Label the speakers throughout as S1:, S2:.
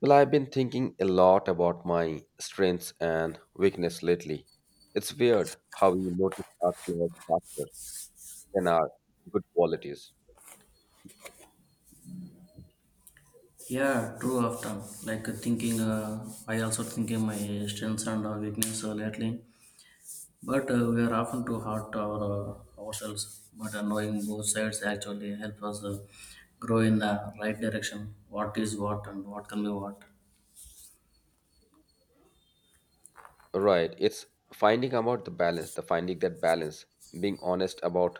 S1: Well, I've been thinking a lot about my strengths and weakness lately. It's weird how we notice our flaws faster than our good qualities.
S2: Yeah, true often. Like thinking, I also thinking my strengths and weakness lately. But we are often too hard to our, ourselves. But knowing both sides actually help us grow in the right direction. What is what and what can be what.
S1: Right, it's finding about the balance, the finding that balance, being honest about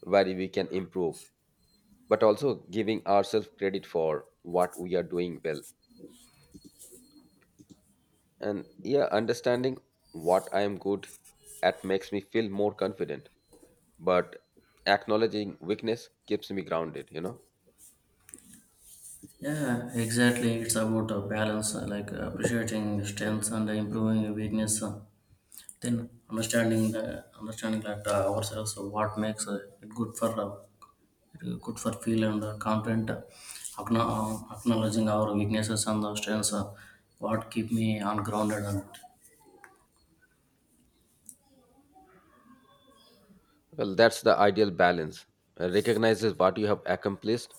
S1: where we can improve, but also giving ourselves credit for what we are doing well. And yeah, understanding what I am good at makes me feel more confident, but acknowledging weakness keeps me grounded, you know?
S2: Yeah, exactly. It's about balance, like appreciating strengths and improving your weakness. Then understanding that ourselves what makes it good for good for feel and confident acknowledging our weaknesses and the strengths, what keep me on grounded and
S1: Well, that's the ideal balance. Recognizes what you have accomplished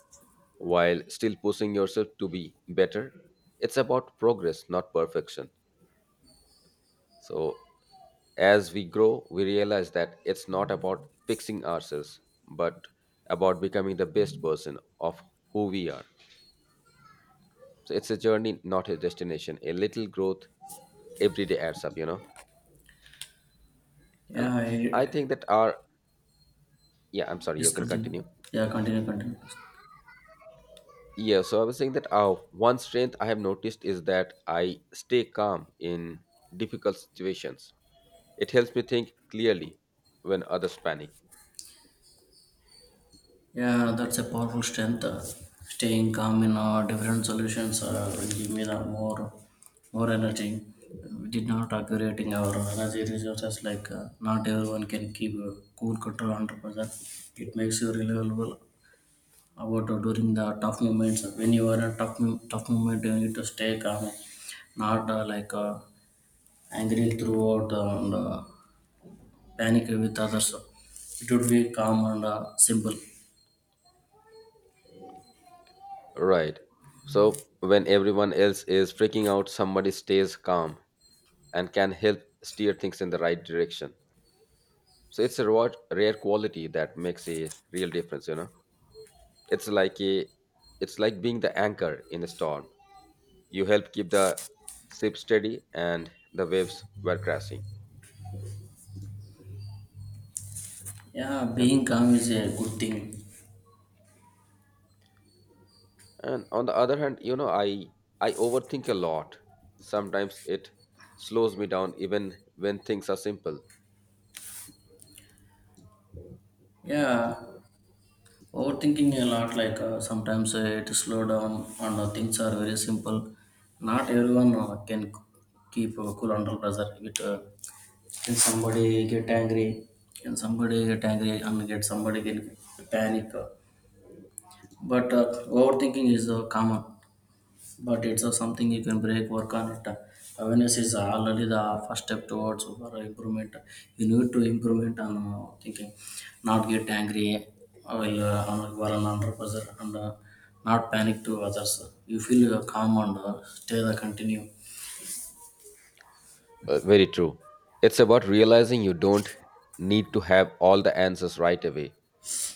S1: while still pushing yourself to be better. It's about progress, not perfection. So, as we grow, we realize that it's not about fixing ourselves, but about becoming the best version of who we are. So, it's a journey, not a destination. A little growth every day adds up. And
S2: yeah,
S1: I think that our, yeah, I'm sorry, you
S2: please
S1: can
S2: continue.
S1: continue.
S2: Yeah, continue.
S1: Yeah, so I was saying that one strength I have noticed is that I stay calm in difficult situations. It helps me think clearly when others panic.
S2: Yeah, that's a powerful strength, staying calm in different solutions will give me the more energy. We did not accumulating our energy resources, like not everyone can keep a cool control 100%. It makes you reliable about during the tough moments. When you are in a tough moment you need to stay calm, not like angry throughout and panic with others. It would be calm and simple.
S1: Right. So when everyone else is freaking out, somebody stays calm and can help steer things in the right direction. So it's a reward, rare quality that makes a real difference. It's like a it's like being the anchor in a storm. You help keep the ship steady and the waves were crashing.
S2: Yeah,
S1: and
S2: being calm is a good thing.
S1: and on the other hand, you know, I overthink a lot. Sometimes it slows me down even when things are simple.
S2: Yeah, overthinking a lot, like sometimes it slow down, and things are very simple. Not everyone can keep cool under pressure with Can somebody get angry? Can somebody get angry and get somebody get panic? But overthinking is common. But it's something you can break, work on it. Awareness is already the first step towards for improvement. You need to improvement on thinking, not get angry while you are while on under pressure, and not panic to others. You feel calm and stay the continue.
S1: Very true, it's about realizing you don't need to have all the answers right away.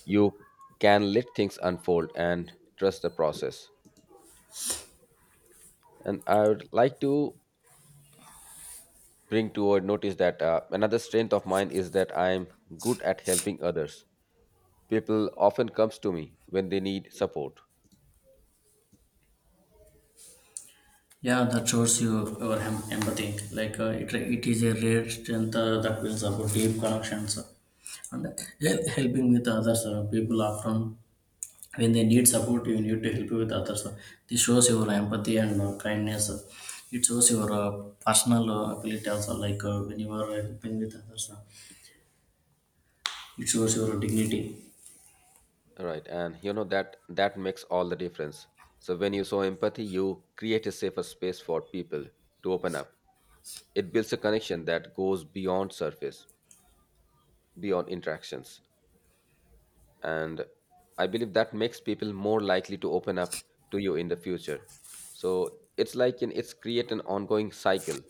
S1: You can let things unfold and trust the process. And I would like to bring to or notice that another strength of mine is that I'm good at helping others. People often comes to me when they need support.
S2: Yeah, that shows you your empathy. Like it is a rare strength that builds up deep connections and helping with others. People often, when they need support, you need to help with others. This shows your empathy and kindness. It shows your personal ability also. Like when you are helping with others, it shows your dignity.
S1: Right, and you know that that makes all the difference. So when you show empathy, you create a safer space for people to open up. It builds a connection that goes beyond surface, beyond interactions, and I believe that makes people more likely to open up to you in the future. So it's create an ongoing cycle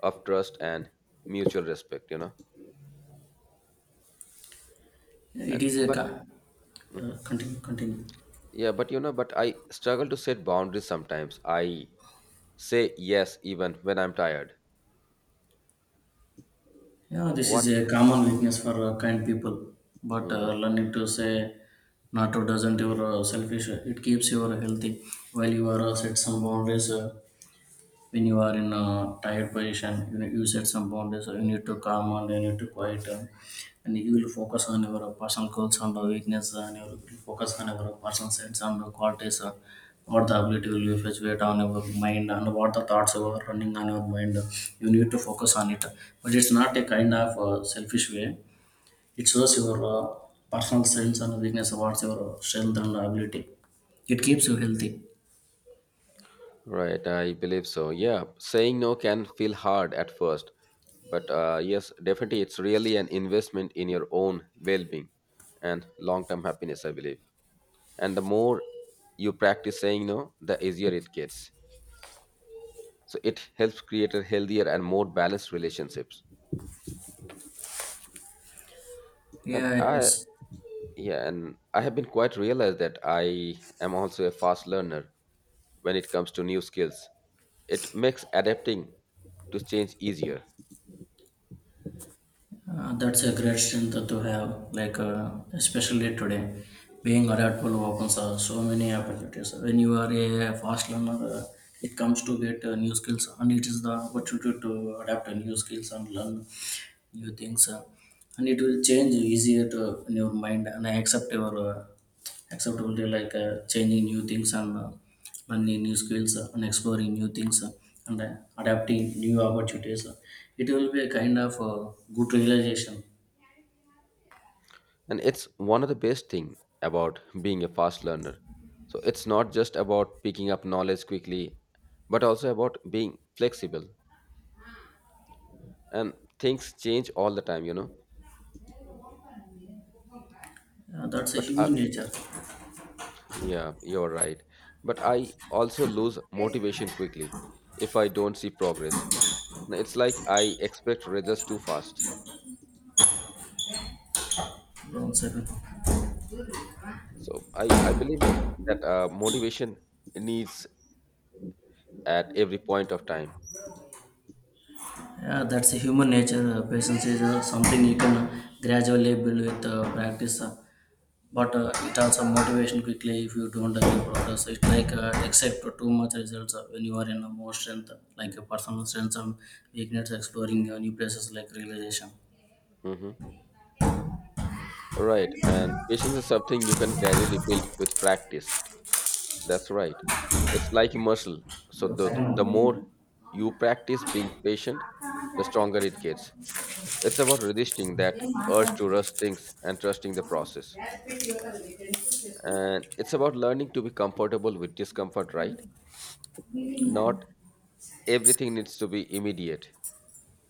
S1: of trust and mutual respect.
S2: Yeah, it
S1: And
S2: is a
S1: but mhm.
S2: continue. Continue.
S1: Yeah, but you know, but I struggle to set boundaries sometimes. I say yes even when I'm tired.
S2: Yeah, this is
S1: What?
S2: a common weakness for kind people. But
S1: Mhm.
S2: learning to say not to doesn't your selfish. It keeps you healthy while you are set some boundaries. When you are in a tired position, you know you set some boundaries, or you need to calm and you need to quiet down. And you will focus on your personal goals and weakness, and you will focus on your personal sense and qualities, what the ability will be fluctuate on your mind and what the thoughts are running on your mind. You need to focus on it, but it's not a kind of selfish way. It shows your personal sense and weakness, what's your strength and ability. It keeps you healthy.
S1: Right, I believe so. Yeah, saying no can feel hard at first, but yes, definitely it's really an investment in your own well-being and long-term happiness, I believe. And the more you practice saying no, the easier it gets. So it helps create a healthier and more balanced relationships. And
S2: Yeah, yes.
S1: yeah, and I have been quite realized that I am also a fast learner when it comes to new skills. It makes adapting to change easier.
S2: That's a great strength to have, like especially today, being adaptable opens so many opportunities. When you are a fast learner, it comes to get new skills, and it is the opportunity to adapt to new skills and learn. You think so. And it will change easier to in your mind and accept your acceptability, like changing new things and learning new skills, and exploring new things, and adapting new opportunities. It will be a kind of good realization.
S1: And it's one of the best thing about being a fast learner. So it's not just about picking up knowledge quickly, but also about being flexible. And things change all the time, you know.
S2: Yeah, that's a
S1: But I,
S2: human nature.
S1: yeah, you're right. But I also lose motivation quickly if I don't see progress. No, it's like I expect results too fast.
S2: One second.
S1: So I believe no, that motivation needs at every point of time.
S2: Yeah, that's a human nature, patience is something you can gradually build with practice. But it also motivation quickly if you don't achieve progress. It's like accept too much results when you are in a more strength, like a personal strengths and weakness, exploring new places, like realization.
S1: Hmm. Right. And patience is something you can gradually build with practice. That's right. It's like a muscle. So
S2: Yo,
S1: the,
S2: second
S1: the
S2: one, meeting
S1: more
S2: you.
S1: you practice being patient, the stronger it gets. It's about resisting that urge to rush things and trusting the process. And it's about learning to be comfortable with discomfort, right? Not everything needs to be immediate.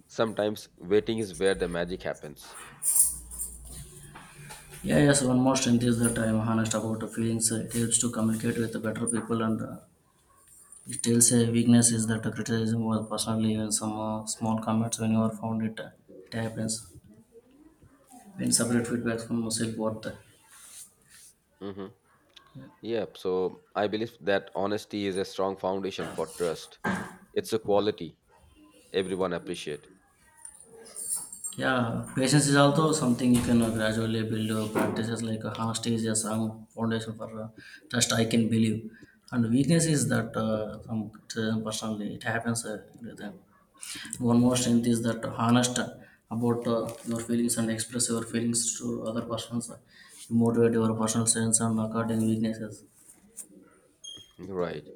S1: Sometimes waiting is where the magic happens.
S2: Yeah, yes, one more strength is that I am honest about the feelings. It helps to communicate with the better people, and it tells a weakness is that criticism was personally, even some small comments when you are found it, it happens when separate feedback from self-worth.
S1: Hmm. Yep, so I believe that honesty is a strong foundation for trust. It's a quality everyone appreciate.
S2: Yeah, patience is also something you can gradually build practices, like honesty is a strong foundation for trust, I can believe. And weakness is that some criticism personally, it happens with them. One more strength is that honest about your feelings and express your feelings to other persons. You motivate your personal strengths and according weaknesses.
S1: Right.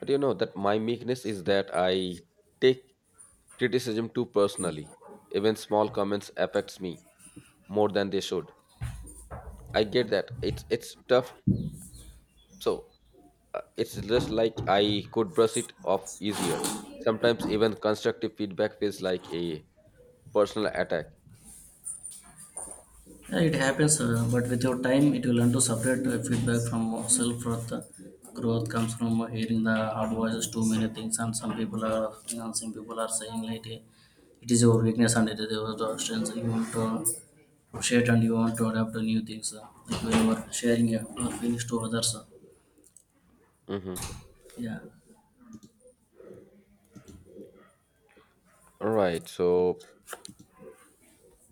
S1: But you know that my meekness is that I take criticism too personally. Even small comments affects me more than they should. I get that. It's tough. So it's just like I could brush it off easier. Sometimes even constructive feedback feels like a personal attack.
S2: Yeah, it happens, but with your time, it will learn to separate feedback from self worth. Growth comes from hearing the hard voices, too many things, and some people are saying like it is your weakness and it is your strength. You want to appreciate and you want to adapt to new things. Like when you are sharing your feelings to others.
S1: Hmm.
S2: Yeah.
S1: All right. So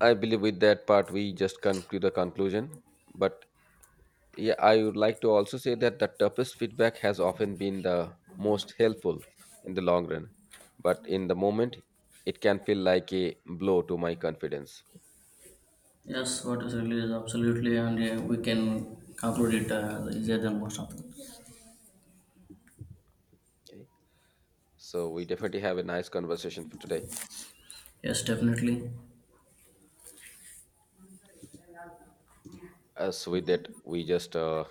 S1: I believe with that part we just conclude the conclusion. But yeah, I would like to also say that the toughest feedback has often been the most helpful in the long run. But in the moment, it can feel like a blow to my confidence.
S2: Yes, what is really is absolutely, and we can conclude it easier than most of them.
S1: Okay. So we definitely have a nice conversation for today.
S2: Yes, definitely.
S1: As with that, we just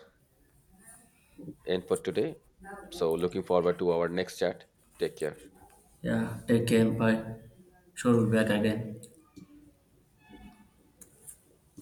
S1: end for today. So looking forward to our next chat. Take care.
S2: Yeah, take care. Bye. Sure, we'll be back again.